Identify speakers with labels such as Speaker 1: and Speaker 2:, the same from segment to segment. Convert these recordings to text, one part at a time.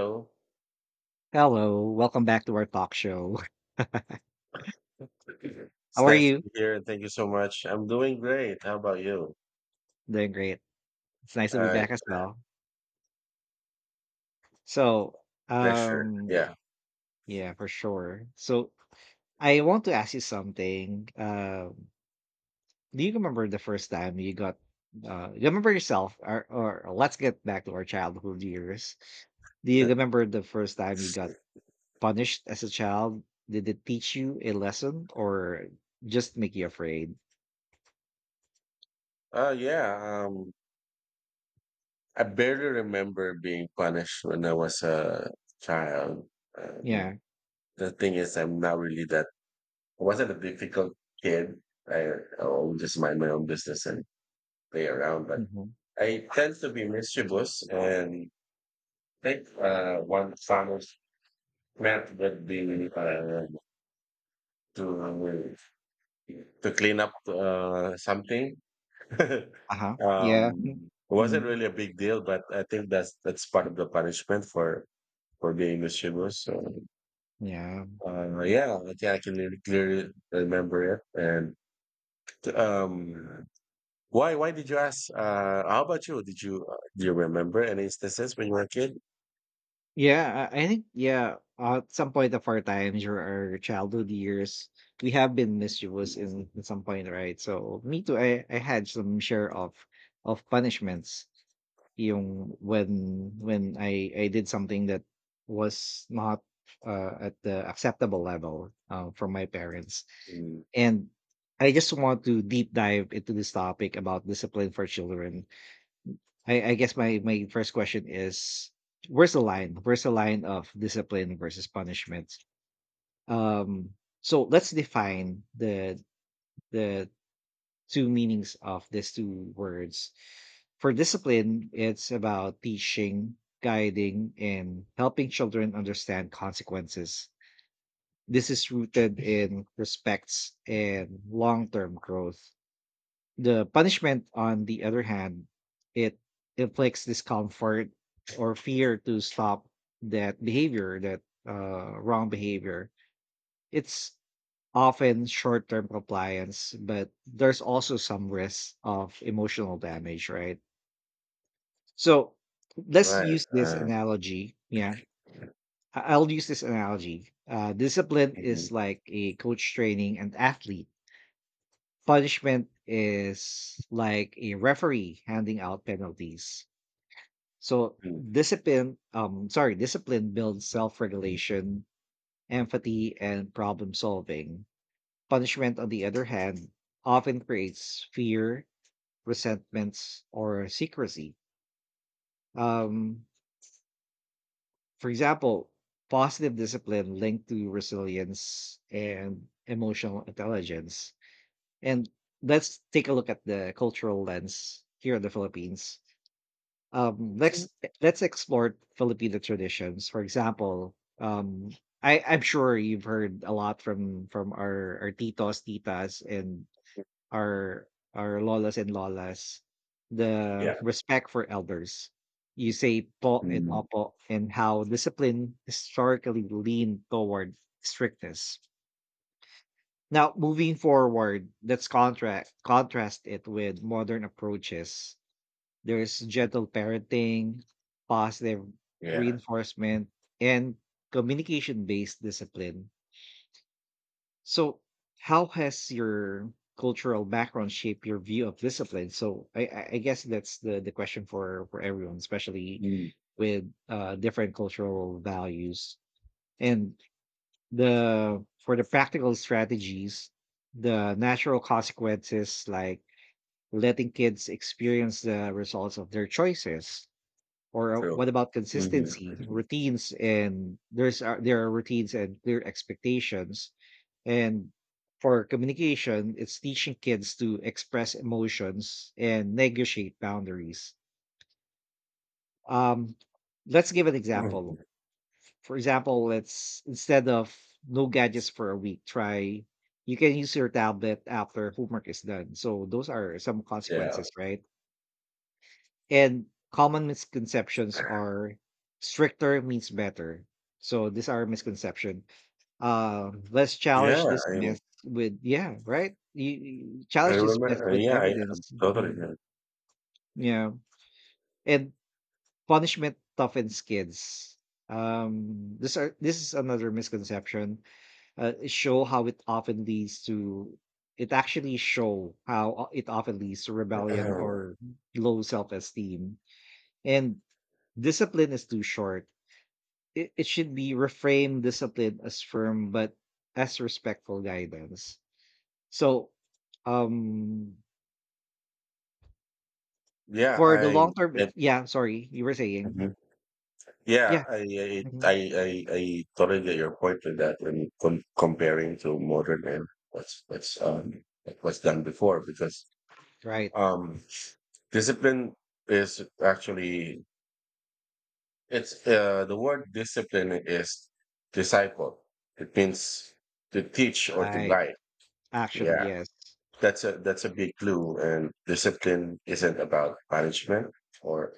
Speaker 1: Hello.
Speaker 2: Hello, welcome back to our talk show. How
Speaker 1: It's
Speaker 2: are
Speaker 1: nice to
Speaker 2: you?
Speaker 1: be here and thank you so much. I'm doing great. How about you?
Speaker 2: Doing great. It's nice to be
Speaker 1: Uh,
Speaker 2: back as well. So,
Speaker 1: pleasure.
Speaker 2: um,
Speaker 1: Yeah.
Speaker 2: yeah, for sure. So, I want to ask you something. Do you remember the first time you got, you remember yourself, or let's get back to our childhood years. Do you remember the first time you got punished as a child? Did it teach you a lesson or just make you afraid?
Speaker 1: Oh, yeah. Um, I barely remember being punished when I was a child. Um,
Speaker 2: Yeah.
Speaker 1: the thing is, I'm not really that, I wasn't a difficult kid. I always just mind my own business and play around, but
Speaker 2: Hmm.
Speaker 1: I tend to be mischievous, and I think one final meant would be to to clean up something.
Speaker 2: Uh huh. Yeah.
Speaker 1: It
Speaker 2: Mm-hmm.
Speaker 1: wasn't
Speaker 2: Mm-hmm.
Speaker 1: really a big deal, but I think that's part of the punishment for being mischievous. So
Speaker 2: Yeah.
Speaker 1: yeah, I think I can really clearly remember it. And um, why did you ask? How about you? Did you do you remember any instances when you were a kid?
Speaker 2: Yeah, I think yeah. At some point of our times or our childhood years, we have been mischievous in some point, right? So me too. I had some share of punishments. Yung when I did something that was not at the acceptable level from my parents,
Speaker 1: Mm,
Speaker 2: and I just want to deep dive into this topic about discipline for children. I guess my first question is, where's the line? Where's the line of discipline versus punishment? Um, so let's define the two meanings of these two words. For discipline, it's about teaching, guiding, and helping children understand consequences. This is rooted in respects and long-term growth. The punishment, on the other hand, it inflicts discomfort or fear to stop that behavior, that wrong behavior. It's often short term compliance, but there's also some risk of emotional damage, right? So let's
Speaker 1: right.
Speaker 2: use this analogy. Yeah. I'll use this analogy. Discipline
Speaker 1: Mhm,
Speaker 2: is like a coach training an athlete. Punishment is like a referee handing out penalties. So
Speaker 1: mhm.
Speaker 2: discipline, sorry, discipline builds self-regulation, empathy, and problem solving. Punishment, on the other hand, often creates fear, resentments, or secrecy. Um, for example, positive discipline linked to resilience and emotional intelligence. And let's take a look at the cultural lens here in the Philippines. um, let's let's explore Filipino traditions. For example, I'm sure you've heard a lot from our titos, titas, and our our lolas and lolas. The
Speaker 1: Yeah.
Speaker 2: respect for elders. You say po and
Speaker 1: Mm,
Speaker 2: opo, and how discipline historically leaned toward strictness. Now, moving forward, let's contrast it with modern approaches. There's gentle parenting, positive
Speaker 1: yeah.
Speaker 2: reinforcement, and communication based discipline. So, how has your cultural background shaped your view of discipline? So, I guess that's the question for everyone, especially
Speaker 1: Mm,
Speaker 2: with different cultural values. And the for the practical strategies, the natural consequences like letting kids experience the results of their choices. Or
Speaker 1: true.
Speaker 2: what about
Speaker 1: Mhm.
Speaker 2: consistency, routines, and there are routines and clear expectations. And for communication, it's teaching kids to express emotions and negotiate boundaries. Um, let's give an example.
Speaker 1: Mhm.
Speaker 2: For example, let's instead of no gadgets for a week, try you can use your tablet after homework is done. So those are some
Speaker 1: Yeah.
Speaker 2: consequences, right? And common misconceptions are stricter means better. So these are misconception. Let's
Speaker 1: Yeah,
Speaker 2: challenge this
Speaker 1: I
Speaker 2: myth with yeah, right? You
Speaker 1: I
Speaker 2: challenge this myth
Speaker 1: remember.
Speaker 2: with
Speaker 1: Yeah, I
Speaker 2: evidence. Mhm.
Speaker 1: totally.
Speaker 2: Yeah, and punishment toughens kids. This is another misconception. Show how it often leads to. It actually show how it often leads to rebellion
Speaker 1: Yeah.
Speaker 2: or low self esteem. And discipline is too short. It should be reframe discipline as firm but as respectful guidance. So, um,
Speaker 1: Yeah,
Speaker 2: for the
Speaker 1: I.
Speaker 2: long term, if
Speaker 1: That,
Speaker 2: yeah, sorry, you were saying,
Speaker 1: mhm. Yeah,
Speaker 2: yeah,
Speaker 1: I, I I
Speaker 2: mhm.
Speaker 1: I I totally get your point with that when comparing to modern and what's done before because
Speaker 2: Right,
Speaker 1: um discipline is actually, it's the word discipline is disciple. It means to teach or to
Speaker 2: right.
Speaker 1: guide.
Speaker 2: Actually,
Speaker 1: Yeah.
Speaker 2: yes.
Speaker 1: That's a big clue. And discipline isn't about punishment or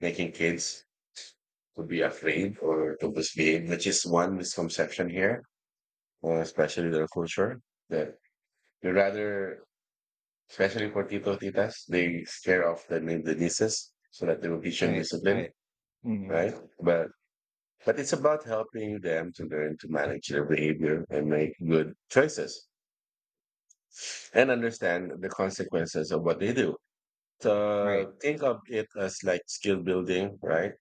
Speaker 1: making kids to be afraid or to misbehave, which is one misconception here, especially in our culture. That they rather, especially for tito titas, they scare off the, the nieces so that they will teach them
Speaker 2: Right,
Speaker 1: discipline,
Speaker 2: right. Mhm.
Speaker 1: right? But but it's about helping them to learn to manage their behavior and make good choices and understand the consequences of what they do.
Speaker 2: Right.
Speaker 1: Think of it as like skill building, right?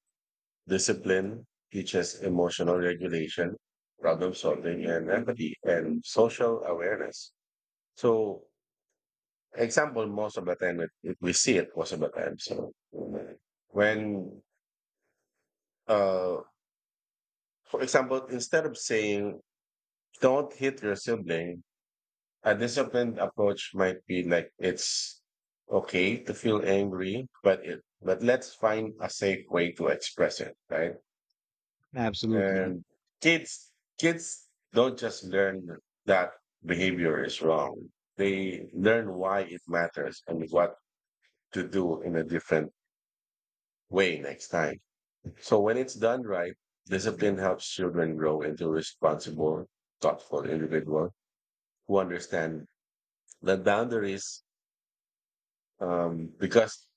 Speaker 1: Discipline teaches emotional regulation, problem solving, and empathy and social awareness. So, example, most of the time, we see it most of the time. So, when, uh, for example, instead of saying, don't hit your sibling, a disciplined approach might be like, it's okay to feel angry, but let's find a safe way to express it, right?
Speaker 2: Absolutely.
Speaker 1: And kids, kids don't just learn that behavior is wrong. They learn why it matters and what to do in a different way next time. So when it's done right, discipline helps children grow into responsible, thoughtful individuals who understand the boundaries because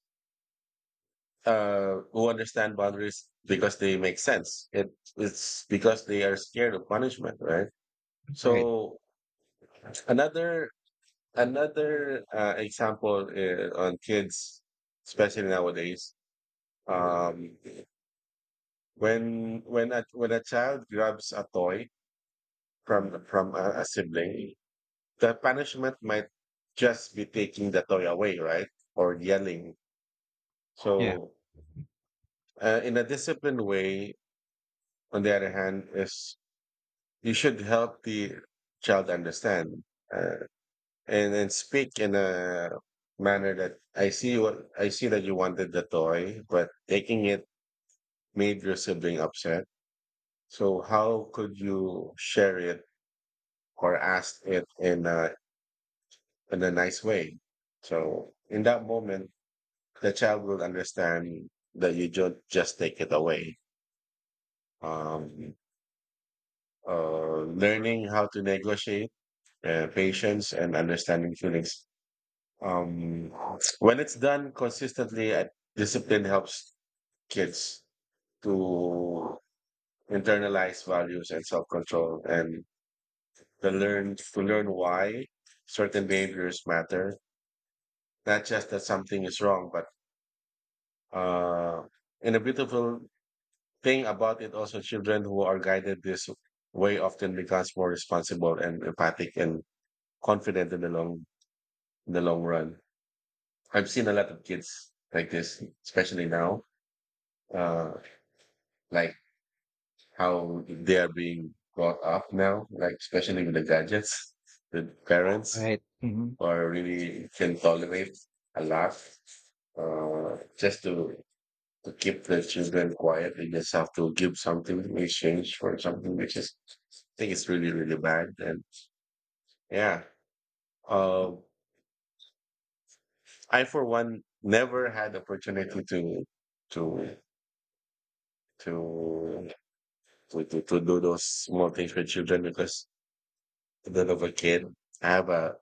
Speaker 1: who understand boundaries because they make sense. It, it's because they are scared of punishment, right?
Speaker 2: Right.
Speaker 1: So another example on kids, especially nowadays, um, when when a child grabs a toy from a sibling, the punishment might just be taking the toy away, right, or yelling.
Speaker 2: Yeah.
Speaker 1: So, in a disciplined way, on the other hand, is you should help the child understand. Uh, and speak in a manner that I see what I see that you wanted the toy, but taking it made your sibling upset. So how could you share it or ask it in a nice way? So in that moment, the child will understand that you don't just take it away. Um, Learning how to negotiate, patience, and understanding feelings. Um, when it's done consistently, I discipline helps kids to internalize values and self control and to learn why certain behaviors matter. Not just that something is wrong, but uh, and a beautiful thing about it also children who are guided this way often becomes more responsible and empathic and confident in the long run. I've seen a lot of kids like this, especially now. Uh, like how they are being brought up now, like especially with the gadgets, the parents
Speaker 2: Right. Hmm.
Speaker 1: are really can tolerate a lot just to keep the children quiet. They just have to give something in exchange for something, which is I think it's really really bad. And yeah, uh, I for one never had opportunity to to to to do those small things with children because that of a kid. I have a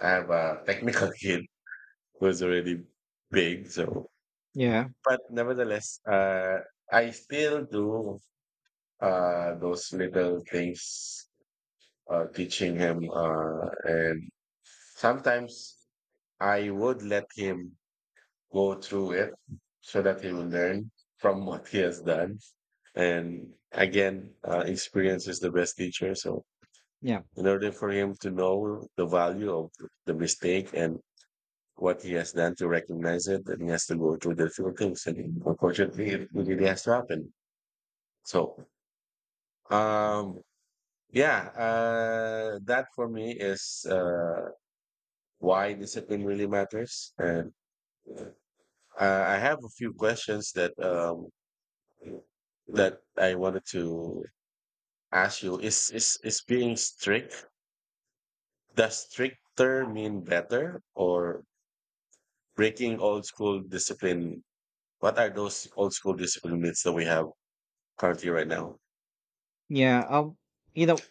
Speaker 1: I have a technical kid who's already big, so
Speaker 2: Yeah.
Speaker 1: but nevertheless, I still do those little things, teaching him, and sometimes I would let him go through it so that he will learn from what he has done. And again, experience is the best teacher. So
Speaker 2: Yeah.
Speaker 1: in order for him to know the value of the mistake and what he has done to recognize it, and he has to go through difficult things, and unfortunately it really has to happen. So um yeah, that for me is why discipline really matters. And I have a few questions that that I wanted to ask you is being strict, does stricter mean better, or breaking old school discipline, what are those old school discipline myths that we have currently right now?
Speaker 2: yeah. You know,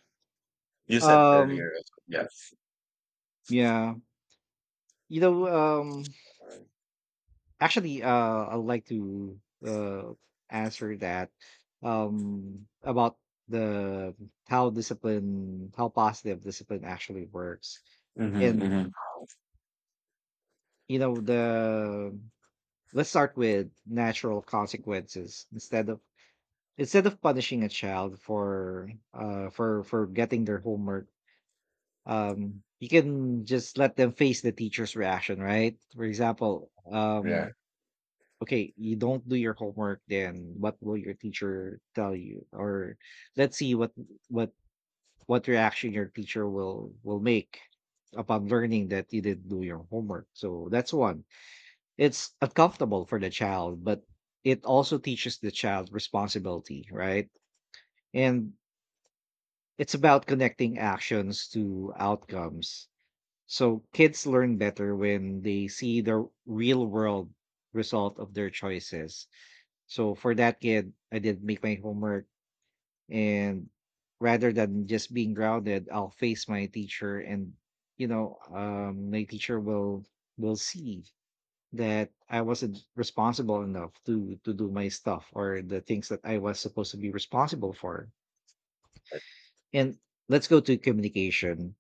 Speaker 1: You said
Speaker 2: um,
Speaker 1: earlier. Well, yes.
Speaker 2: yeah, you know, um. Actually, I'd like to uh, answer that about the how discipline, how positive discipline actually works,
Speaker 1: Mm-hmm,
Speaker 2: and
Speaker 1: mm-hmm.
Speaker 2: you know the let's start with natural consequences instead of punishing a child for getting their homework. You can just let them face the teacher's reaction, right? For example,
Speaker 1: Yeah.
Speaker 2: okay, you don't do your homework, then what will your teacher tell you? Or let's see what what reaction your teacher will make upon learning that you didn't do your homework. So that's one. It's uncomfortable for the child, but it also teaches the child responsibility, right? And it's about connecting actions to outcomes. So kids learn better when they see the real world result of their choices. So for that kid, I did make my homework and rather than just being grounded, I'll face my teacher and my teacher will see that I wasn't responsible enough to do my stuff or the things that I was supposed to be responsible for. And let's go to communication.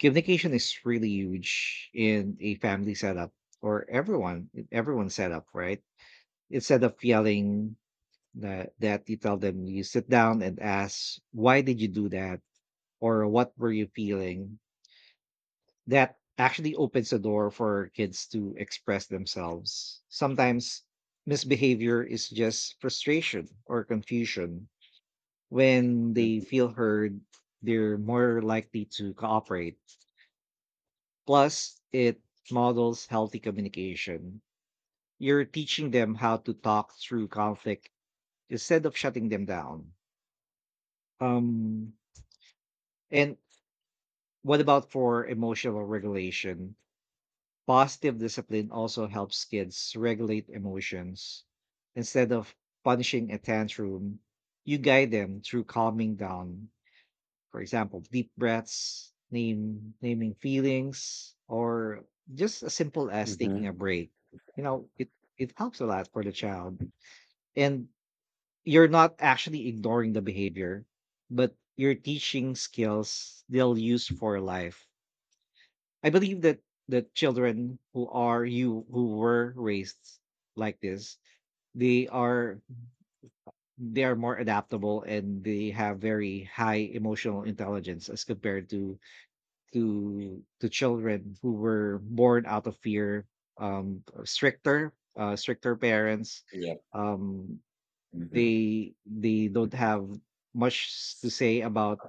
Speaker 2: Communication is really huge in a family setup or everyone setup, right? Instead of yelling that you tell them, you sit down and ask, why did you do that, or what were you feeling? That actually opens the door for kids to express themselves. Sometimes misbehavior is just frustration or confusion. When they
Speaker 1: Mm-hmm.
Speaker 2: feel heard, they're more likely to cooperate. Plus it models healthy communication. You're teaching them how to talk through conflict instead of shutting them down. um and what about for emotional regulation? Positive discipline also helps kids regulate emotions. Instead of punishing a tantrum, you guide them through calming down. For example, deep breaths, name naming feelings, or just as simple as
Speaker 1: Mm-hmm.
Speaker 2: taking a break. You know, it it helps a lot for the child. And you're not actually ignoring the behavior, but you're teaching skills they'll use for life. I believe that the children who are you who were raised like this, they are they are more adaptable and they have very high emotional intelligence as compared to to children who were born out of fear, stricter parents.
Speaker 1: Yeah.
Speaker 2: um,
Speaker 1: Mm-hmm.
Speaker 2: they don't have much to say about,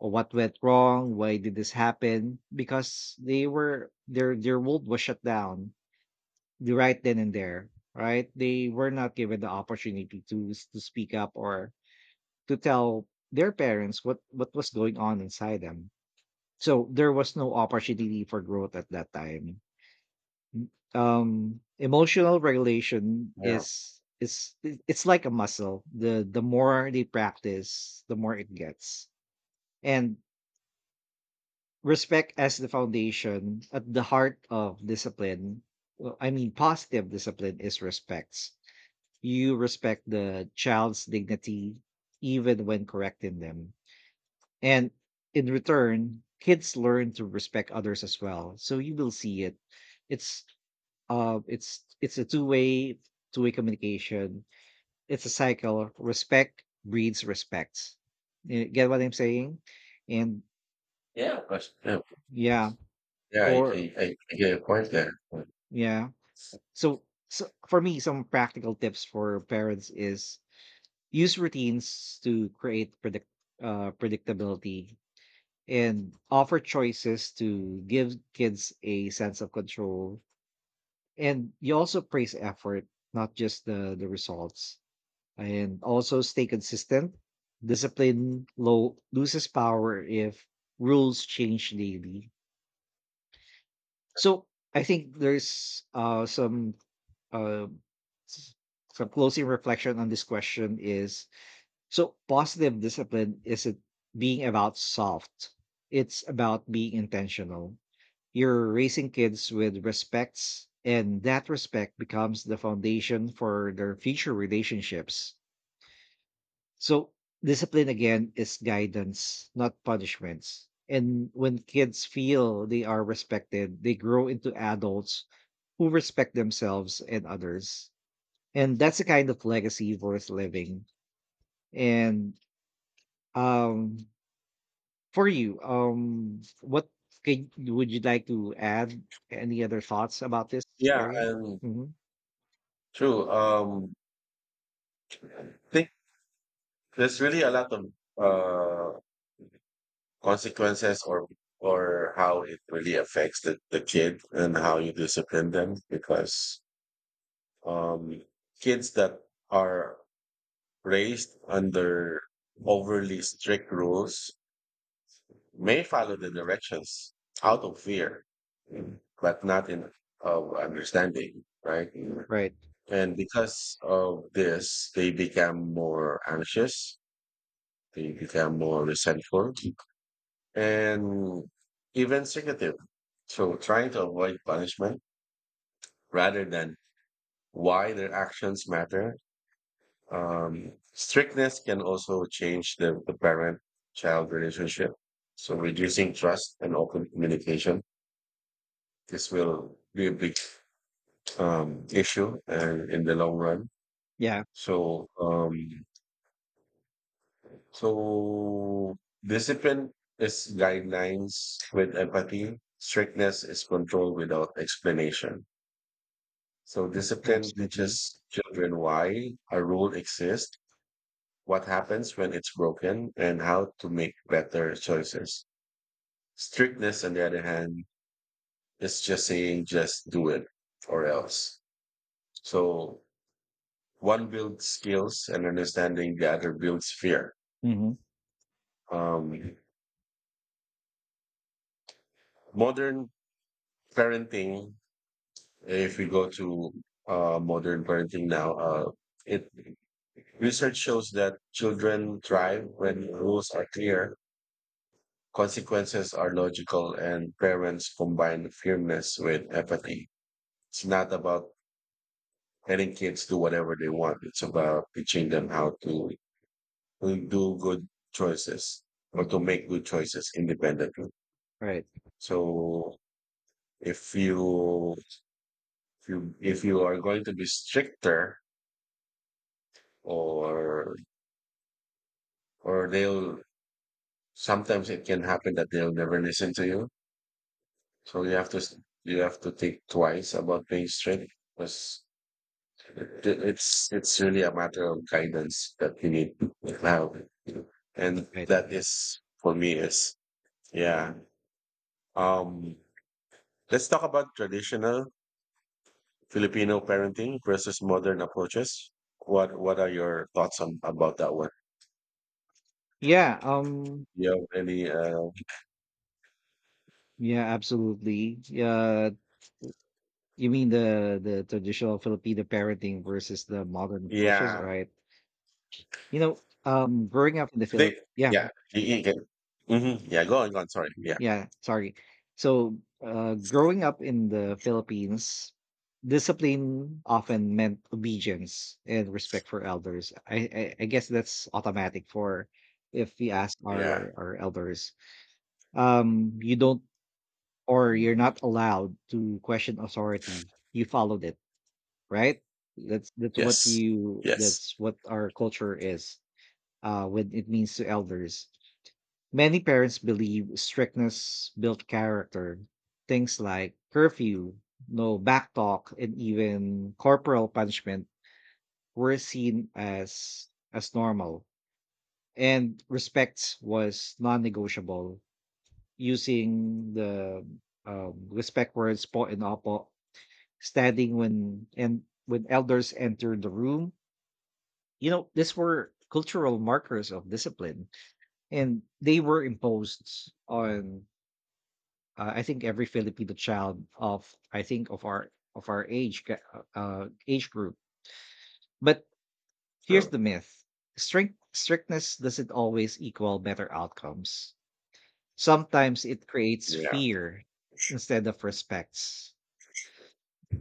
Speaker 2: oh, what went wrong, why did this happen, because they were their world was shut down the right then and there, right? They were not given the opportunity to to speak up or to tell their parents what was going on inside them. So there was no opportunity for growth at that time. Emotional regulation
Speaker 1: Yeah.
Speaker 2: is it- it's like a muscle. The more they practice the more it gets. And respect as the foundation at the heart of discipline. Well, I mean positive discipline is respects. You respect the child's dignity even when correcting them, and in return kids learn to respect others as well. So you will see it. It's a two-way communication. It's a cycle. Respect breeds respect. You get what I'm saying? And
Speaker 1: Yeah. Of course. Yeah.
Speaker 2: yeah.
Speaker 1: Yeah. I,
Speaker 2: for
Speaker 1: I, I I get your point there. Mm.
Speaker 2: yeah. So, for me, some practical tips for parents is use routines to create predictability, and offer choices to give kids a sense of control. And you also praise effort, not just the results, and also stay consistent. Discipline low loses power if rules change daily. So I think there's some uh s- closing reflection on this question is, so positive discipline isn't being about soft. It's about being intentional. You're raising kids with respects and that respect becomes the foundation for their future relationships. So discipline again is guidance, not punishments. And when kids feel they are respected, they grow into adults who respect themselves and others. And that's a kind of legacy worth living. And um for you, would you like to add any other thoughts about this
Speaker 1: Yeah.
Speaker 2: area?
Speaker 1: And
Speaker 2: Hmm.
Speaker 1: true. I think there's really a lot of uh consequences or how it really affects the kid and how you discipline them because um kids that are raised under overly strict rules may follow the directions out of fear, but not in of understanding, right?
Speaker 2: Right.
Speaker 1: And because of this, they become more anxious, they become more resentful, and even secretive. So trying to avoid punishment rather than why their actions matter. Strictness can also change the parent child relationship. So reducing trust and open communication, this will be a big issue and in the long run.
Speaker 2: Yeah,
Speaker 1: So, so discipline is guidelines with empathy. Strictness is control without explanation. So discipline
Speaker 2: absolutely.
Speaker 1: teaches children why a rule exists, what happens when it's broken, and how to make better choices. Strictness, on the other hand, is just saying just do it or else. So one builds skills and understanding, the other builds fear.
Speaker 2: Hmm.
Speaker 1: Um, Modern parenting, if we go to modern parenting now, it research shows that children thrive when rules are clear, consequences are logical, and parents combine firmness with empathy. It's not about letting kids do whatever they want. It's about teaching them how to do good choices or to make good choices independently.
Speaker 2: Right.
Speaker 1: So if you if you are going to be stricter or or they'll sometimes it can happen that they'll never listen to you. So you have to you have to think twice about being strict because it's really a matter of guidance that you need to have. And
Speaker 2: Right.
Speaker 1: that is for me is yeah. Um let's talk about traditional Filipino parenting versus modern approaches. What are your thoughts on about that one?
Speaker 2: Yeah.
Speaker 1: Do you have any?
Speaker 2: Yeah, absolutely. Yeah, you mean the traditional Filipino parenting versus the modern approaches,
Speaker 1: Yeah,
Speaker 2: right? You know, growing up in the Philip,
Speaker 1: they.
Speaker 2: yeah,
Speaker 1: Yeah, you can. Hmm. Yeah, go on, go on. Sorry. Yeah,
Speaker 2: yeah. Sorry. So, growing up in the Philippines, discipline often meant obedience and respect for elders. I guess that's automatic for if we ask
Speaker 1: yeah.
Speaker 2: our elders. You don't or you're
Speaker 1: Mhm.
Speaker 2: not allowed to question authority. You followed it, right? That's what
Speaker 1: Yes,
Speaker 2: you
Speaker 1: yes.
Speaker 2: that's what our culture is when it means to elders. Many parents believe strictness built character. Things like curfew, no back talk, and even corporal punishment were seen as normal. And respect was non-negotiable. Using the respect words po and opo, standing when elders entered the room. You know, these were cultural markers of discipline, and they were imposed on, I think, every Filipino child of, I think, of our age group. But here's
Speaker 1: True.
Speaker 2: the myth: strictness doesn't always equal better outcomes. Sometimes it creates
Speaker 1: Yeah.
Speaker 2: fear instead of respects.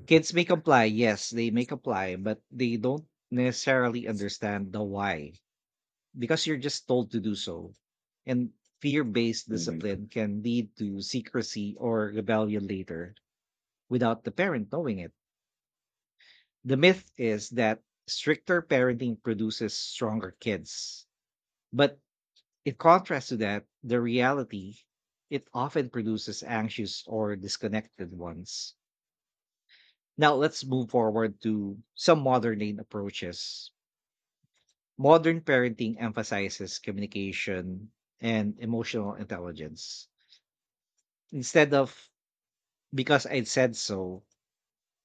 Speaker 2: Kids may comply, yes, they may comply, but they don't necessarily understand the why because you're just told to do so. And fear based
Speaker 1: Hmm.
Speaker 2: discipline can lead to secrecy or rebellion later without the parent knowing it. The myth is that stricter parenting produces stronger kids. But in contrast to that, the reality, it often produces anxious or disconnected ones. Now let's move forward to some modern day approaches. Modern parenting emphasizes communication and emotional intelligence. Instead of "because I said so,"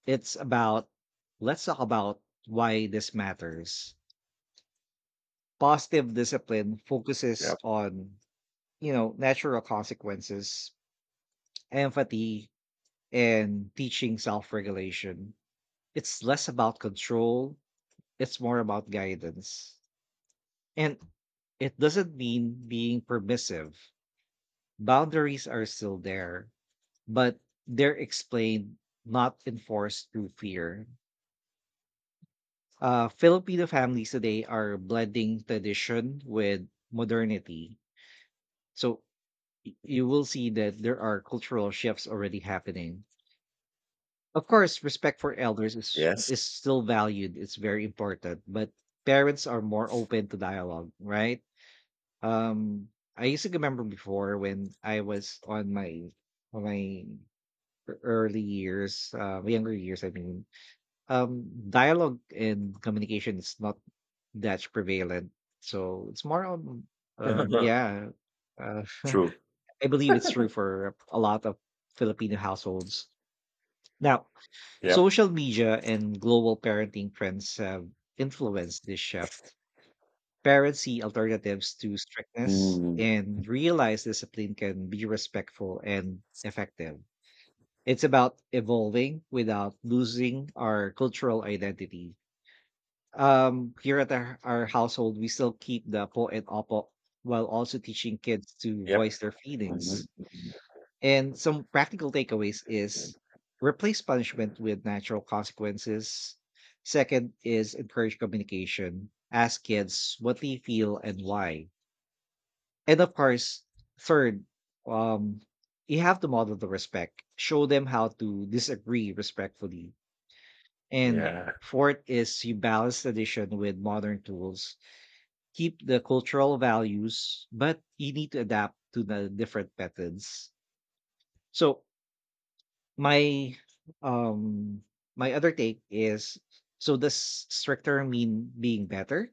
Speaker 2: it's about "let's talk about why this matters." Positive discipline focuses
Speaker 1: Yep.
Speaker 2: on, you know, natural consequences, empathy, and teaching self regulation. It's less about control, it's more about guidance. And it doesn't mean being permissive. Boundaries are still there, but they're explained, not enforced through fear. Filipino families today are blending tradition with modernity. So you will see that there are cultural shifts already happening. Of course, respect for elders is
Speaker 1: Yes.
Speaker 2: still valued. It's very important, but parents are more open to dialogue, right? Um, I used to remember before when I was on my early years, younger years, I mean, um dialogue and communication is not that prevalent, so it's more on yeah, uh,
Speaker 1: True.
Speaker 2: I believe it's true for a lot of Filipino households now.
Speaker 1: Yep.
Speaker 2: Social media and global parenting trends have influenced this shift. Parents see alternatives to strictness
Speaker 1: Mm.
Speaker 2: and realize discipline can be respectful and effective. It's about evolving without losing our cultural identity. Here at our household, we still keep the po and opo while also teaching kids to
Speaker 1: Yep.
Speaker 2: voice their feelings.
Speaker 1: Mhm.
Speaker 2: And some practical takeaways is: replace punishment with natural consequences. Second is encourage communication, ask kids what they feel and why. And of course, third, um you have to model the respect, show them how to disagree respectfully. And
Speaker 1: Yeah.
Speaker 2: fourth is you balance tradition with modern tools. Keep the cultural values, but you need to adapt to the different methods. So my um my other take is, so does stricter mean being better?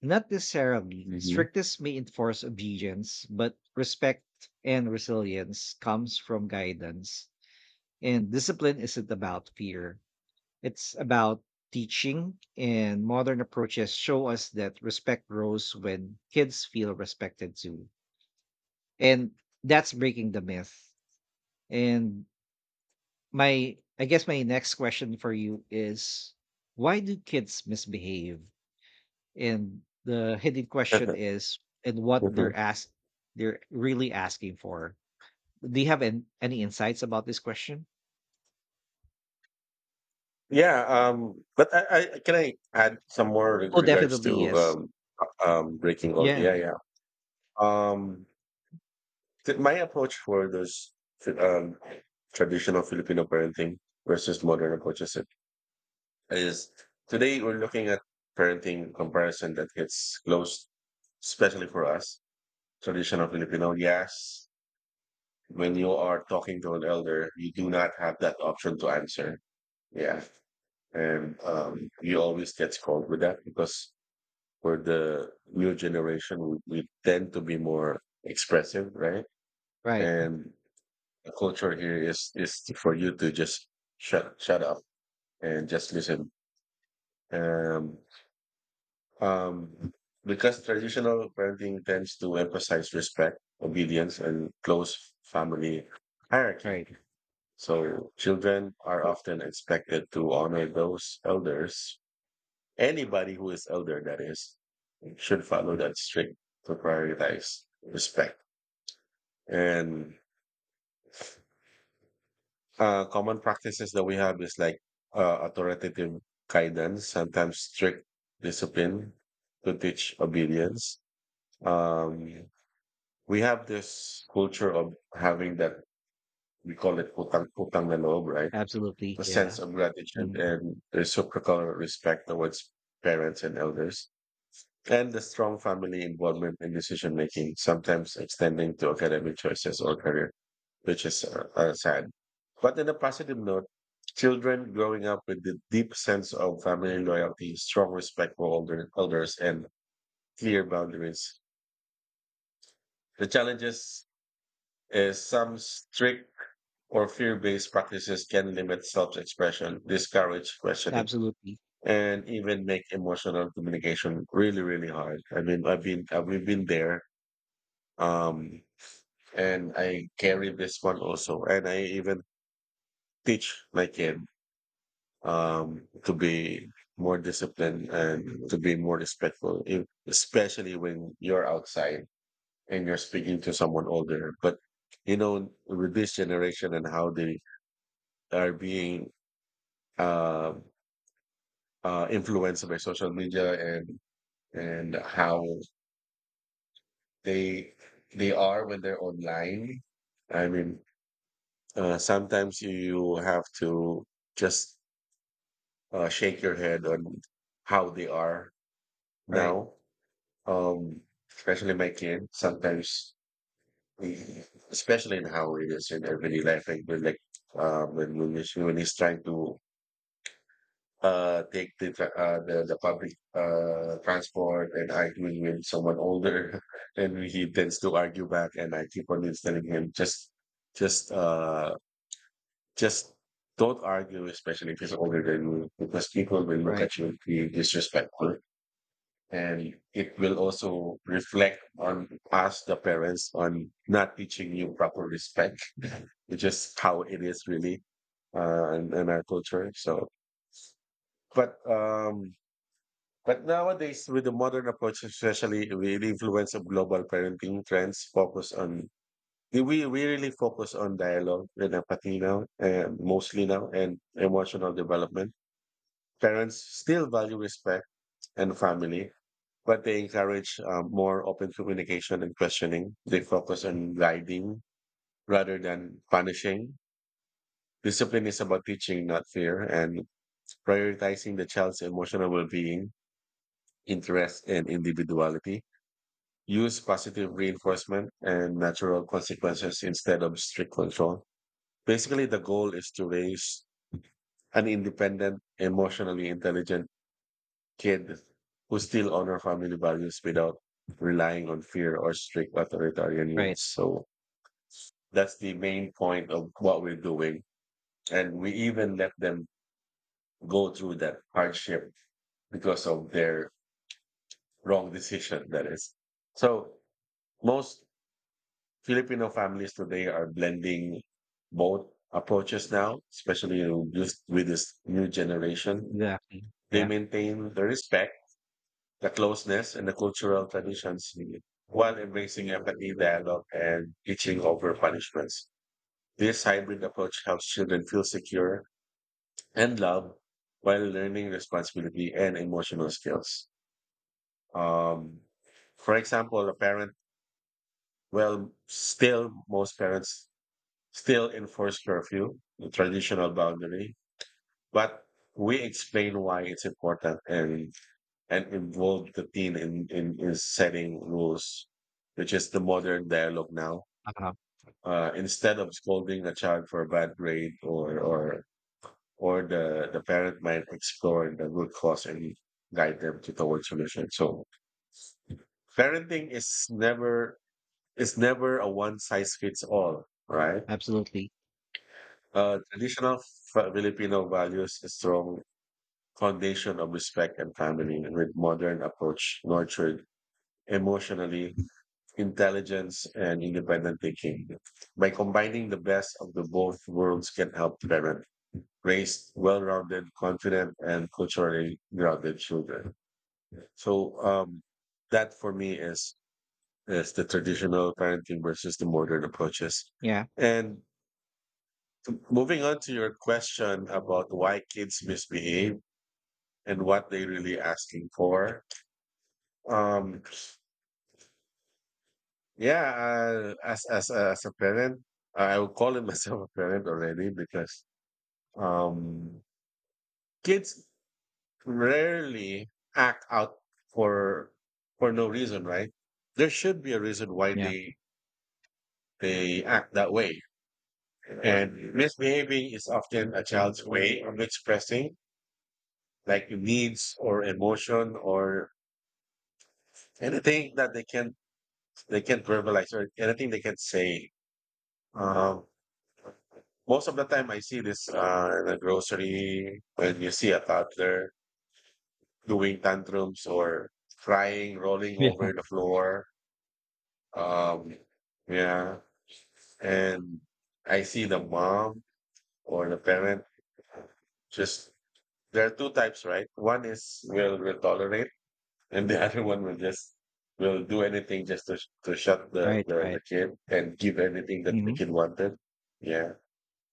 Speaker 2: Not necessarily.
Speaker 1: Hmm.
Speaker 2: Strictness may enforce obedience, but respect and resilience comes from guidance. And discipline isn't about fear. It's about teaching, and modern approaches show us that respect grows when kids feel respected too. And that's breaking the myth. And my I guess my next question for you is, why do kids misbehave? And the hidden question is, and what they're asked, they're really asking for. Do you have any insights about this question?
Speaker 1: Yeah, but I can I add some more with
Speaker 2: Oh,
Speaker 1: regards
Speaker 2: definitely,
Speaker 1: to
Speaker 2: yes.
Speaker 1: breaking all.
Speaker 2: Yeah.
Speaker 1: Yeah, yeah. Um, my approach for those fi- um, traditional Filipino parenting versus modern approaches is today we're looking at parenting comparison that hits close, especially for us traditional Filipino. Yes, when you are talking to an elder, you do not have that option to answer. Yeah, and you always get scolded with that because for the new generation, we tend to be more expressive, right?
Speaker 2: Right.
Speaker 1: And the culture here is for you to just shut up and just listen. Um, um, because traditional parenting tends to emphasize respect, obedience, and close family hierarchy.
Speaker 2: Right.
Speaker 1: So children are often expected to honor those elders. Anybody who is elder, that is, should follow that strict to prioritize respect. And common practices that we have is like authoritative guidance, sometimes strict discipline to teach obedience. Um, we have this culture of having that, we call it putang na loob, right?
Speaker 2: Absolutely,
Speaker 1: A
Speaker 2: yeah.
Speaker 1: sense of gratitude
Speaker 2: Mhm.
Speaker 1: and reciprocal respect towards parents and elders. And the strong family involvement in decision making, sometimes extending to academic choices or career, which is sad. But in a positive note, children growing up with the deep sense of family loyalty, strong respect for older, elders, and clear boundaries. The challenges is some strict or fear-based practices can limit self-expression, discourage questioning,
Speaker 2: Absolutely.
Speaker 1: and even make emotional communication really, really hard. I mean, we've been there. Um, and I carry this one also. And I even teach my kid to be more disciplined and to be more respectful, especially when you're outside and you're speaking to someone older. But you know, with this generation and how they are being uh, influenced by social media and how they they are when they're online. I mean, sometimes you have to just shake your head on how they are
Speaker 2: Right.
Speaker 1: now. Um, especially my kid, sometimes, we- especially in how it is in everyday life, like when he's trying to take the the public transport and arguing with someone older, and he tends to argue back, and I keep on telling him just uh just don't argue, especially if he's older than you, because people will look
Speaker 2: Right.
Speaker 1: at you and be disrespectful, and it will also reflect on us the parents on not teaching you proper respect, which is how it is really in our culture. So but um but nowadays, with the modern approach, especially with the influence of global parenting trends focus on, we really focus on dialogue and empathy now, and mostly now, and emotional development. Parents still value respect and family, but they encourage more open communication and questioning. They focus on guiding rather than punishing. Discipline is about teaching, not fear, and prioritizing the child's emotional well being, interest, and individuality. Use positive reinforcement and natural consequences instead of strict control. Basically, the goal is to raise an independent, emotionally intelligent, kid who still honor family values without relying on fear or strict authoritarian
Speaker 2: Right.
Speaker 1: rules. So that's the main point of what we're doing. And we even let them go through that hardship because of their wrong decision, that is. So most Filipino families today are blending both approaches now, especially with this new generation.
Speaker 2: Exactly,
Speaker 1: They
Speaker 2: yeah.
Speaker 1: maintain the respect, the closeness and the cultural traditions while embracing empathy, dialogue, and teaching over punishments. This hybrid approach helps children feel secure and loved while learning responsibility and emotional skills. Um, for example, a parent, well, still, most parents still enforce curfew, the traditional boundary, but we explain why it's important, and involve the teen in setting rules, which is the modern dialogue now.
Speaker 2: Uh-huh.
Speaker 1: Instead of scolding a child for a bad grade or the parent might explore the root cause and guide them to towards solution. So parenting is never a one size fits all, right?
Speaker 2: Absolutely.
Speaker 1: Traditional Filipino values a strong foundation of respect and family with modern approach nurtured emotionally intelligence and independent thinking. By combining the best of the both worlds can help parent raise well-rounded, confident, and culturally grounded children. So that for me is the traditional parenting versus the modern approaches.
Speaker 2: Yeah.
Speaker 1: And moving on to your question about why kids misbehave and what they really asking for. Um, as a parent, I would call it myself a parent already because um, kids rarely act out for for no reason, right? There should be a reason why
Speaker 2: Yeah.
Speaker 1: they act that way, and misbehaving is often a child's way of expressing like needs or emotion or anything that they can verbalize or anything they can say. Um, Most of the time, I see this in the grocery when you see a toddler doing tantrums or crying, rolling
Speaker 2: Yeah.
Speaker 1: over the floor. Um, yeah. And I see the mom or the parent just, there are two types, right? One is will tolerate, and the other one will just will do anything just to, to shut the,
Speaker 2: Right.
Speaker 1: the, the
Speaker 2: Right.
Speaker 1: kid and give anything that the
Speaker 2: Mhm.
Speaker 1: kid wanted. Yeah.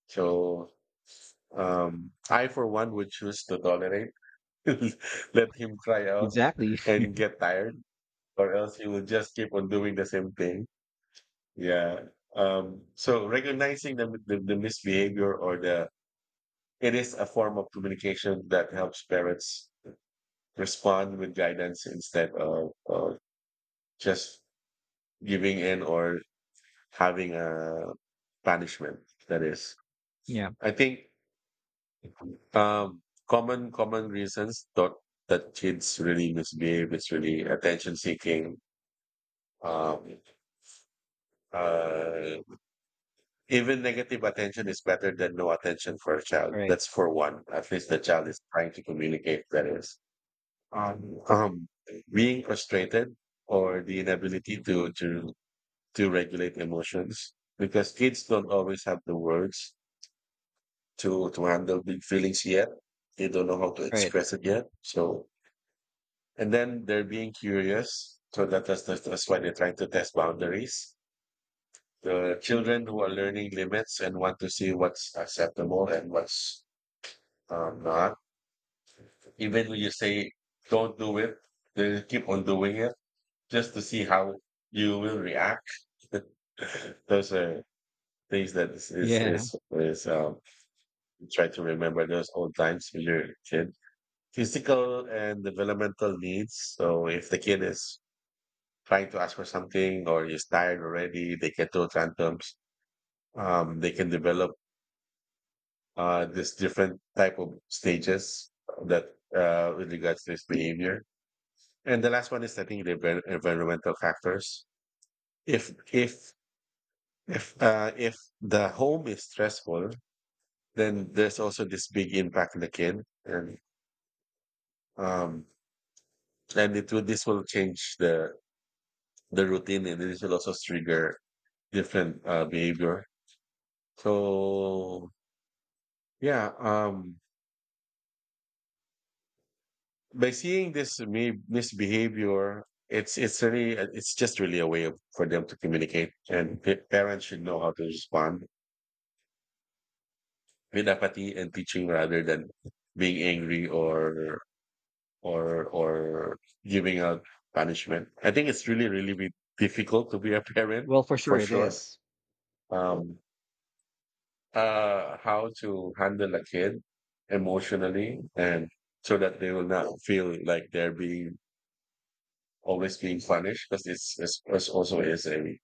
Speaker 1: So I, for one, would choose to tolerate. Let him cry out
Speaker 2: Exactly.
Speaker 1: and get tired, or else he will just keep on doing the same thing. Yeah. So recognizing the misbehavior or the, it is a form of communication that helps parents respond with guidance instead of just giving in or having a punishment. That is,
Speaker 2: Yeah.
Speaker 1: I think, um, common reasons that that kids really misbehave is really attention seeking. Um, uh, even negative attention is better than no attention for a
Speaker 2: All
Speaker 1: child.
Speaker 2: right.
Speaker 1: That's for one. At least the child is trying to communicate. That is, um, um, being frustrated or the inability to regulate emotions because kids don't always have the words to handle big feelings yet. They don't know how to
Speaker 2: All right.
Speaker 1: express it yet. So, and then they're being curious. So that's why they're trying to test boundaries, the children who are learning limits and want to see what's acceptable and what's not. Even when you say don't do it, they'll keep on doing it just to see how you will react. Those are things that is is
Speaker 2: Yeah.
Speaker 1: is, is um, try to remember those old times when you're a kid. Physical and developmental needs. So if the kid is trying to ask for something or is tired already, they can throw tantrums. They can develop this different type of stages that with regards to this behavior. And the last one is, I think, the environmental factors. If if if the home is stressful, then there's also this big impact on the kid, and um, and it will this will change the routine, and this will also trigger different behavior. So yeah, by seeing this misbehavior, it's really it's just really a way of, for them to communicate, and parents should know how to respond with empathy and teaching rather than being angry or giving out punishment. I think it's really really be difficult to be a parent
Speaker 2: Well, for
Speaker 1: for
Speaker 2: sure it
Speaker 1: sure.
Speaker 2: is.
Speaker 1: Um, how to handle a kid emotionally and so that they will not feel like they're being always being punished because it's also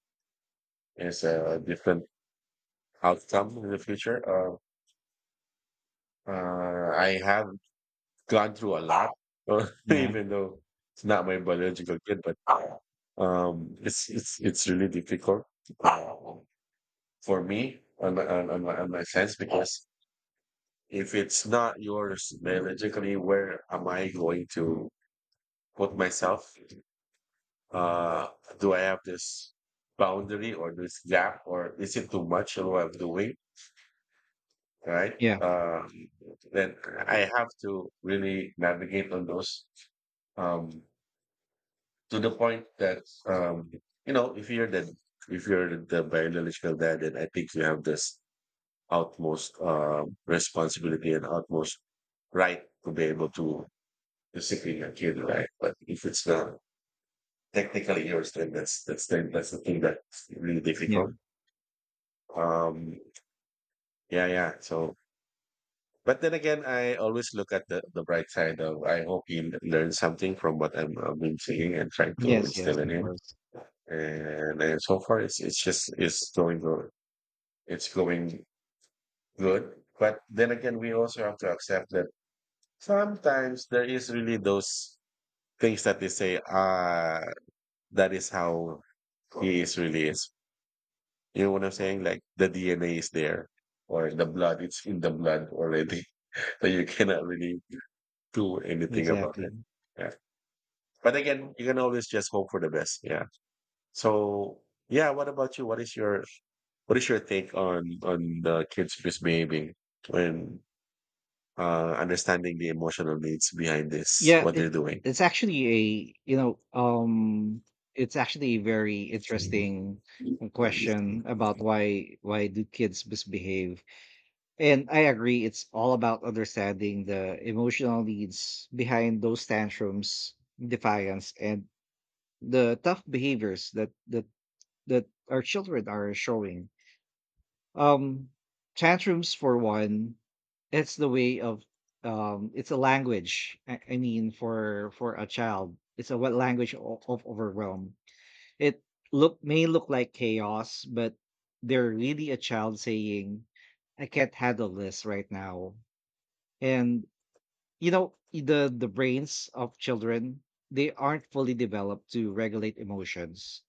Speaker 1: is a different outcome in the future. I have gone through a lot,
Speaker 2: Yeah.
Speaker 1: even though it's not my biological kid, but it's really difficult uh, for me on on my sense because if it's not yours biologically, where am I going to put myself, uh, do I have this boundary or this gap, or is it too much of what I'm doing? Right?
Speaker 2: Yeah.
Speaker 1: Then I have to really navigate on those, um, to the point that you know, if you're the biological dad, then I think you have this utmost responsibility and utmost right to be able to discipline your kid, right? But if it's not technically yours, then that's the thing that's really
Speaker 2: Yeah.
Speaker 1: difficult. Um, yeah, yeah. So, but then again, I always look at the bright side of I hope he learns something from what I've been seeing and trying to
Speaker 2: Yes. Yes.
Speaker 1: instill in
Speaker 2: Of
Speaker 1: him.
Speaker 2: course.
Speaker 1: And, so far, it's going good. It's going good. But then again, we also have to accept that sometimes there is really those things that they say, ah, that is how he is really is. You know what I'm saying? Like the DNA is there, or the blood, it's in the blood already. So you cannot really do anything about it.
Speaker 2: Exactly.
Speaker 1: Yeah. But again, you can always just hope for the best. Yeah. So yeah, what about you? What is your take on the kids misbehaving when understanding the emotional needs behind this,
Speaker 2: Yeah.
Speaker 1: what they're
Speaker 2: It's
Speaker 1: doing?
Speaker 2: it's actually a, it's actually a very interesting question about why do kids misbehave. And I agree, it's all about understanding the emotional needs behind those tantrums, defiance, and the tough behaviors that that our children are showing. Um, tantrums for one, it's the way of, it's a language. I mean, for a child, it's a— what, language of overwhelm. It look may look like chaos, but they're really a child saying, "I can't handle this right now." And you know, the brains of children, they aren't fully developed to regulate emotions,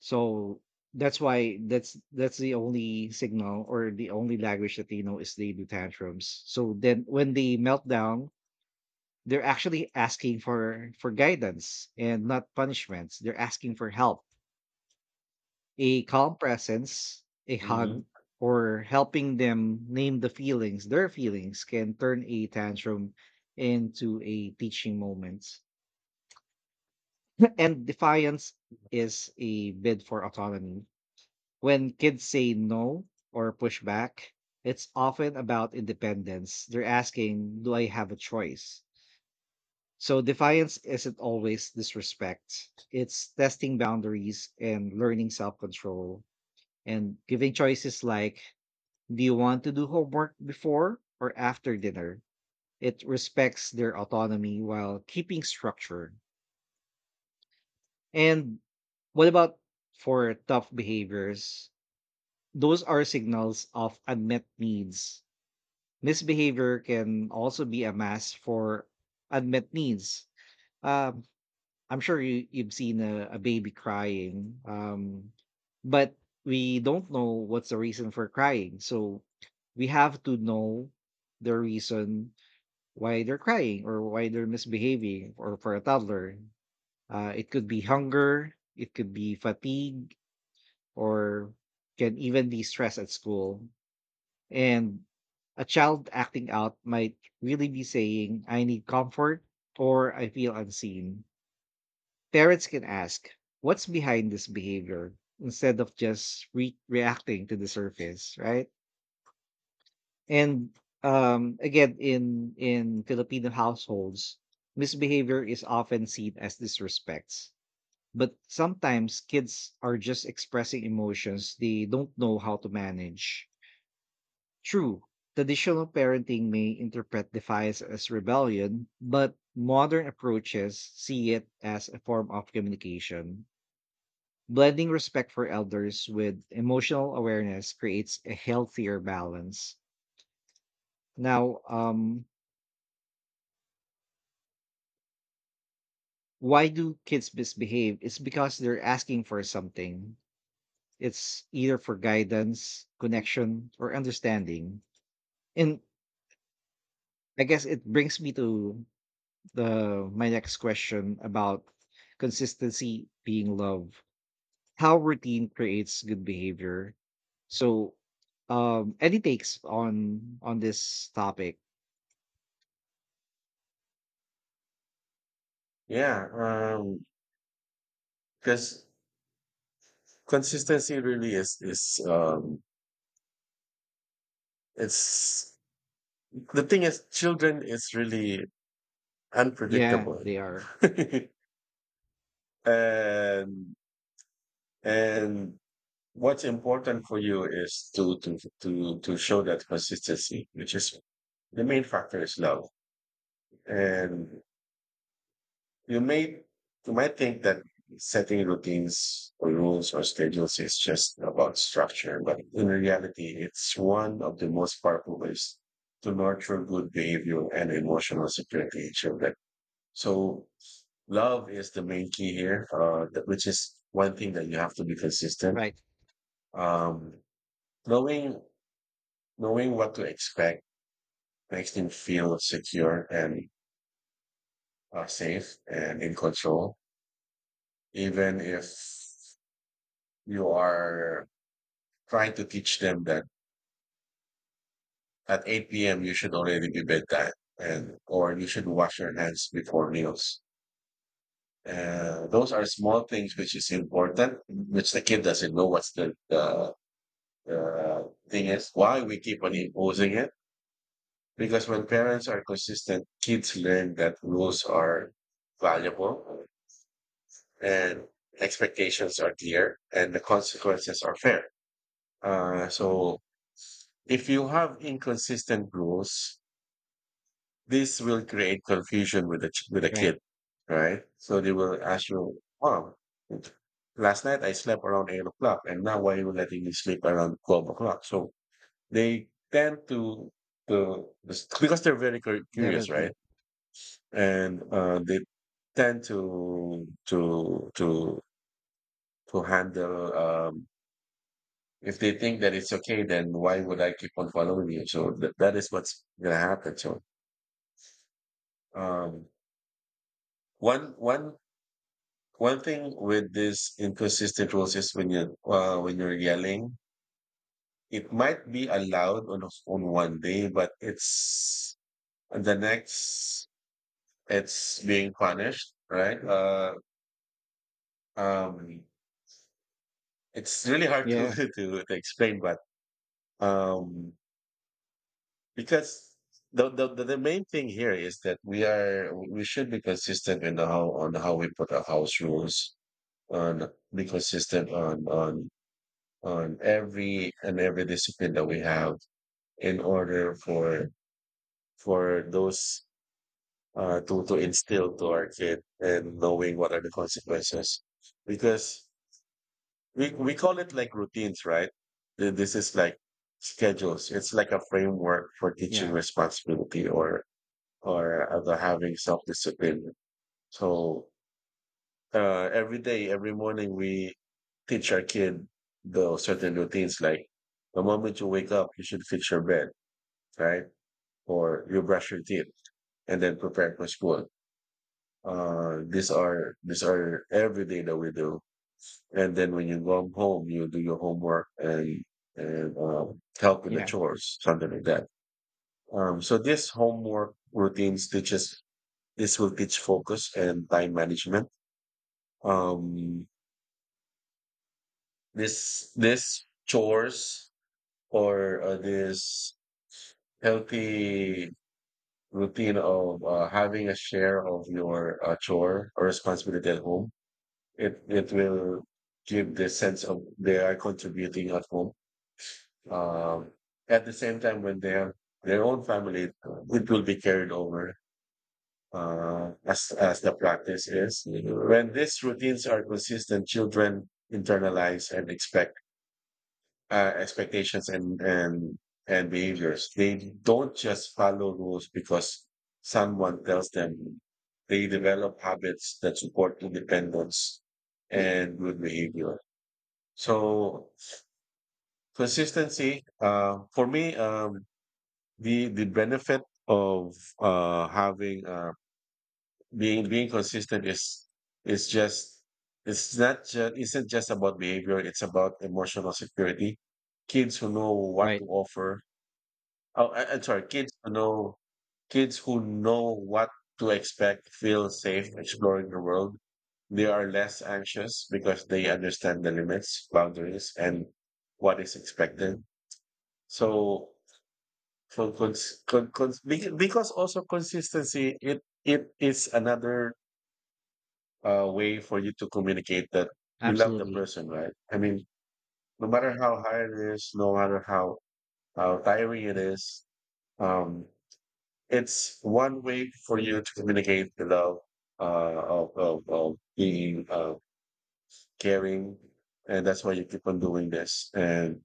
Speaker 2: so that's why that's the only signal or the only language that they know is they do tantrums. So then when they melt down, they're actually asking for guidance and not punishments. They're asking for help, a calm presence, a
Speaker 1: Mhm.
Speaker 2: hug, or helping them name the feelings. Their feelings can turn a tantrum into a teaching moment. And defiance is a bid for autonomy. When kids say no or push back, it's often about independence. They're asking, do I have a choice? So defiance isn't always disrespect, it's testing boundaries and learning self control, and giving choices like, do you want to do homework before or after dinner? It respects their autonomy while keeping structure. And what about for tough behaviors? Those are signals of unmet needs. Misbehavior can also be a mask for unmet needs. Um, I'm sure you, you've seen a baby crying, but we don't know what's the reason for crying. So we have to know the reason why they're crying or why they're misbehaving. Or for a toddler, it could be hunger, it could be fatigue, or can even be stress at school. And a child acting out might really be saying, I need comfort or I feel unseen. Parents can ask, what's behind this behavior, instead of just reacting to the surface, right? And again, in Filipino households, misbehavior is often seen as disrespects. But sometimes kids are just expressing emotions they don't know how to manage. True, traditional parenting may interpret defiance as rebellion, but modern approaches see it as a form of communication. Blending respect for elders with emotional awareness creates a healthier balance. Now, why do kids misbehave? It's because they're asking for something. It's either for guidance, connection, or understanding. And I guess it brings me to the— my next question about consistency being love. How routine creates good behavior. So, any takes on this topic?
Speaker 1: Yeah, because consistency really is it's the thing is children is really
Speaker 2: Yeah,
Speaker 1: unpredictable,
Speaker 2: they are.
Speaker 1: and and what's important for you is to show that consistency, which is the main factor is love. And you may you might think that setting routines or rules or schedules is just about structure, but in reality, it's one of the most powerful ways to nurture good behavior and emotional security in children. So love is the main key here, that- which is one thing that you have to be consistent.
Speaker 2: Right.
Speaker 1: Um, knowing knowing what to expect makes him feel secure and safe and in control, even if you are trying to teach them that at 8 p.m. you should already be bedtime and or you should wash your hands before meals. Those are small things which is important, which the kid doesn't know what's the thing is, why we keep on imposing it. Because when parents are consistent, kids learn that rules are valuable and expectations are clear and the consequences are fair. So if you have inconsistent rules, this will create confusion with the with the
Speaker 2: Right,
Speaker 1: kid, right? So they will ask you, "Oh, last night I slept around 8 o'clock, and now why are you letting me sleep around 12 o'clock?" So they tend to because they're very curious, right?
Speaker 2: definitely.
Speaker 1: And they tend to handle if they think that it's okay, then why would I keep on following you? So that is what's gonna happen. Um, one one one thing with this inconsistent rules is when you when you're yelling, it might be allowed on on one day, but it's on the next it's being punished, right? Um, it's really hard
Speaker 2: Yeah,
Speaker 1: to explain, but um, because the main thing here is that we should be consistent in the how on how we put our house rules on be consistent on every discipline that we have in order for those to instill to our kid and knowing what are the consequences because we call it like routines, right? This is like schedules. It's like a framework for
Speaker 2: yeah,
Speaker 1: teaching responsibility or other having self-discipline. So every day, every morning, we teach our kid the certain routines like the moment you wake up, you should fix your bed, right? Or you brush your teeth and then prepare for school. These are every day that we do. And then when you go home, you do your homework and help with the
Speaker 2: yeah.
Speaker 1: chores, something like that. So this homework routines teaches this will teach focus and time management. um this chores or this healthy routine of having a share of your chore or responsibility at home, it will give the sense of they are contributing at home. um at the same time, when they have their own family, it will be carried over. As as the practice is, when these routines are consistent, children internalize and expect expectations and behaviors. They don't just follow rules because someone tells them. They develop habits that support independence and good behavior. So consistency. For me, the benefit of having being consistent is just it's not just isn't just about behavior. It's about emotional security. Kids who know what
Speaker 2: Right,
Speaker 1: to offer. Oh, I'm sorry, kids who know what to expect feel safe exploring the world. They are less anxious because they understand the limits, boundaries, and what is expected. So, for because also consistency, it is another way for you to communicate that you love the
Speaker 2: absolutely.
Speaker 1: person, right? I mean, no matter how hard it is, no matter how tiring it is, um, it's one way for you to communicate the love uh, of being caring. And that's why you keep on doing this. And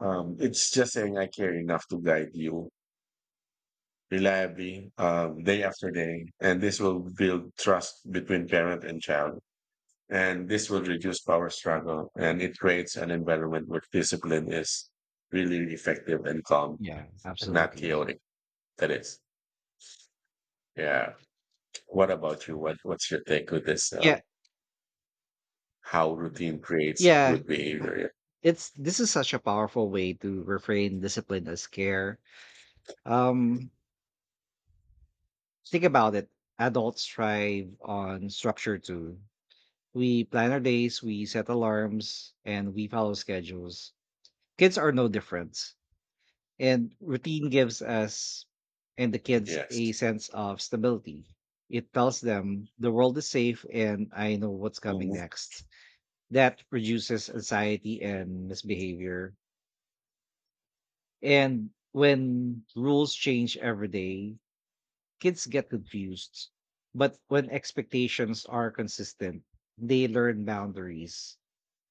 Speaker 1: it's just saying, I care enough to guide you reliably day after day. And this will build trust between parent and child. And this will reduce power struggle. And it creates an environment where discipline is really effective and calm
Speaker 2: Yeah,
Speaker 1: and not
Speaker 2: absolutely.
Speaker 1: chaotic. That is. Yeah. What about you? What's your take with this?
Speaker 2: Yeah,
Speaker 1: How routine creates
Speaker 2: yeah.
Speaker 1: good
Speaker 2: Uh,
Speaker 1: behavior?
Speaker 2: it's— this is such a powerful way to reframe discipline as care. Um, Think about it. Adults thrive on structure too. We plan our days, we set alarms, and we follow schedules. Kids are no different. And routine gives us and the
Speaker 1: Yeah.
Speaker 2: kids
Speaker 1: Yes.
Speaker 2: a sense of stability. It tells them the world is safe and I know what's coming
Speaker 1: Hmm.
Speaker 2: next. That reduces anxiety and misbehavior. And when rules change every day, kids get confused, but when expectations are consistent, they learn boundaries.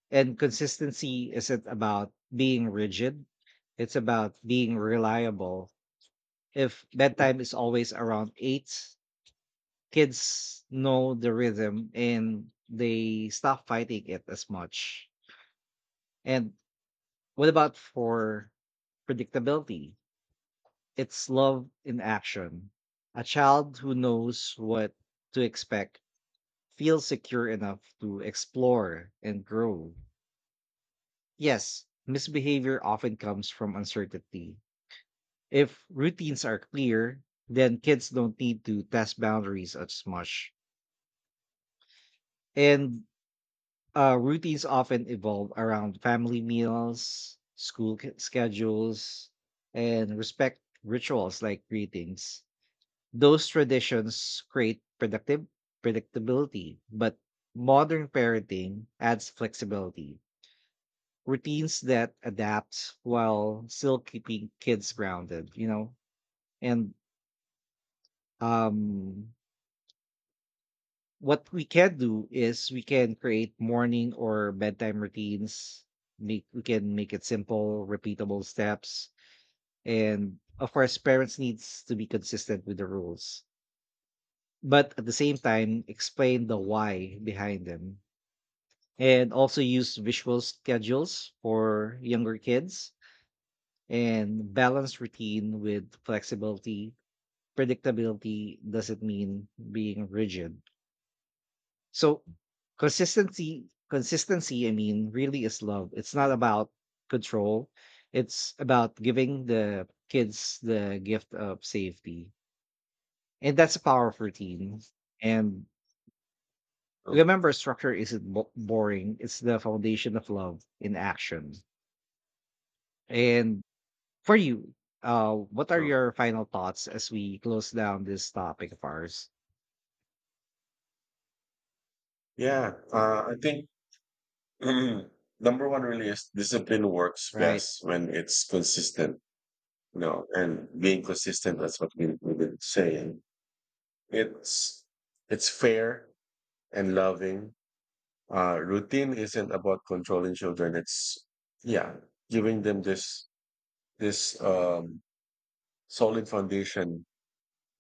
Speaker 2: And consistency isn't about being rigid, it's about being reliable. If bedtime is always around eight, kids know the rhythm and they stop fighting it as much. And what about for predictability? It's love in action. A child who knows what to expect feel secure enough to explore and grow. Yes, misbehavior often comes from uncertainty. If routines are clear, then kids don't need to test boundaries as much. And routines often evolve around family meals, school schedules, and respect rituals like greetings. Those traditions create predictive predictability, but modern parenting adds flexibility, routines that adapt while still keeping kids grounded, you know. And um what we can do is we can create morning or bedtime routines, make we can make it simple repeatable steps. And of course parents needs to be consistent with the rules, but at the same time explain the why behind them. And also use visual schedules for younger kids, and balance routine with flexibility. Predictability doesn't mean being rigid. So consistency, I mean, really is love. It's not about control. It's about giving the kids the gift of safety. And that's the power of routine. And
Speaker 1: True.
Speaker 2: remember, structure isn't boring. It's the foundation of love in action. And for you, what are
Speaker 1: True.
Speaker 2: your final thoughts as we close down this topic of ours?
Speaker 1: Yeah. I think number one really is discipline works
Speaker 2: Right.
Speaker 1: best when it's consistent. You know, and being consistent, that's what we've been saying. It's it's fair and loving. Routine isn't about controlling children. It's, yeah, giving them this solid foundation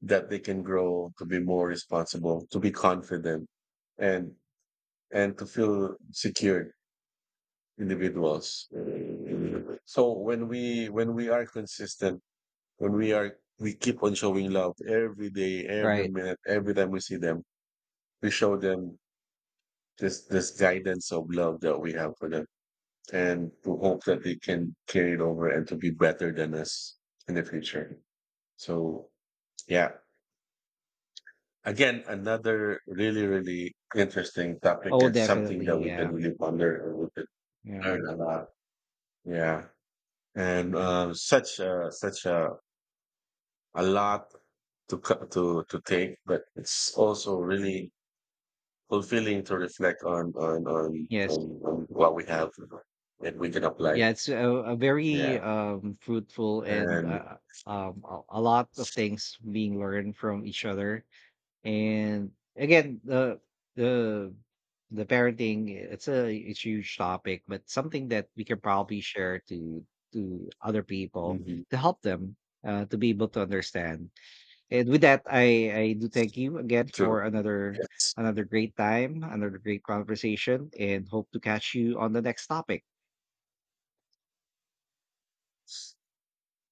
Speaker 1: that they can grow to be more responsible, to be confident, and and to feel secure individuals. So when we are consistent, when we are we keep on showing love every day, every
Speaker 2: Right.
Speaker 1: minute, every time we see them, we show them this guidance of love that we have for them, and to hope that they can carry it over and to be better than us in the future. So, yeah. Again, another really, really interesting topic
Speaker 2: Oh,
Speaker 1: and something
Speaker 2: definitely.
Speaker 1: that we can
Speaker 2: Yeah.
Speaker 1: really ponder and we can
Speaker 2: Yeah.
Speaker 1: learn a lot. Yeah. And such a lot to co- to take, but it's also really fulfilling to reflect
Speaker 2: Yes.
Speaker 1: on what we have that we can apply.
Speaker 2: Yeah. It's a very
Speaker 1: Yeah,
Speaker 2: fruitful and
Speaker 1: and
Speaker 2: a lot of things being learned from each other. And again, the the parenting, it's a— it's huge topic, but something that we can probably share to other people
Speaker 1: mhm,
Speaker 2: to help them, to be able to understand. And with that, I do thank you again for
Speaker 1: true.
Speaker 2: another,
Speaker 1: Yes,
Speaker 2: another great time, another great conversation, and hope to catch you on the next topic.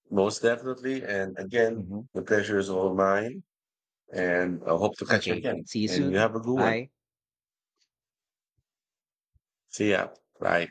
Speaker 1: most definitely. And again,
Speaker 2: Mhm.
Speaker 1: the pleasure is all mine. And I hope to catch you
Speaker 2: Okay,
Speaker 1: again.
Speaker 2: see you
Speaker 1: And you
Speaker 2: soon.
Speaker 1: have a good one.
Speaker 2: Right. Bye.
Speaker 1: Siap, baik.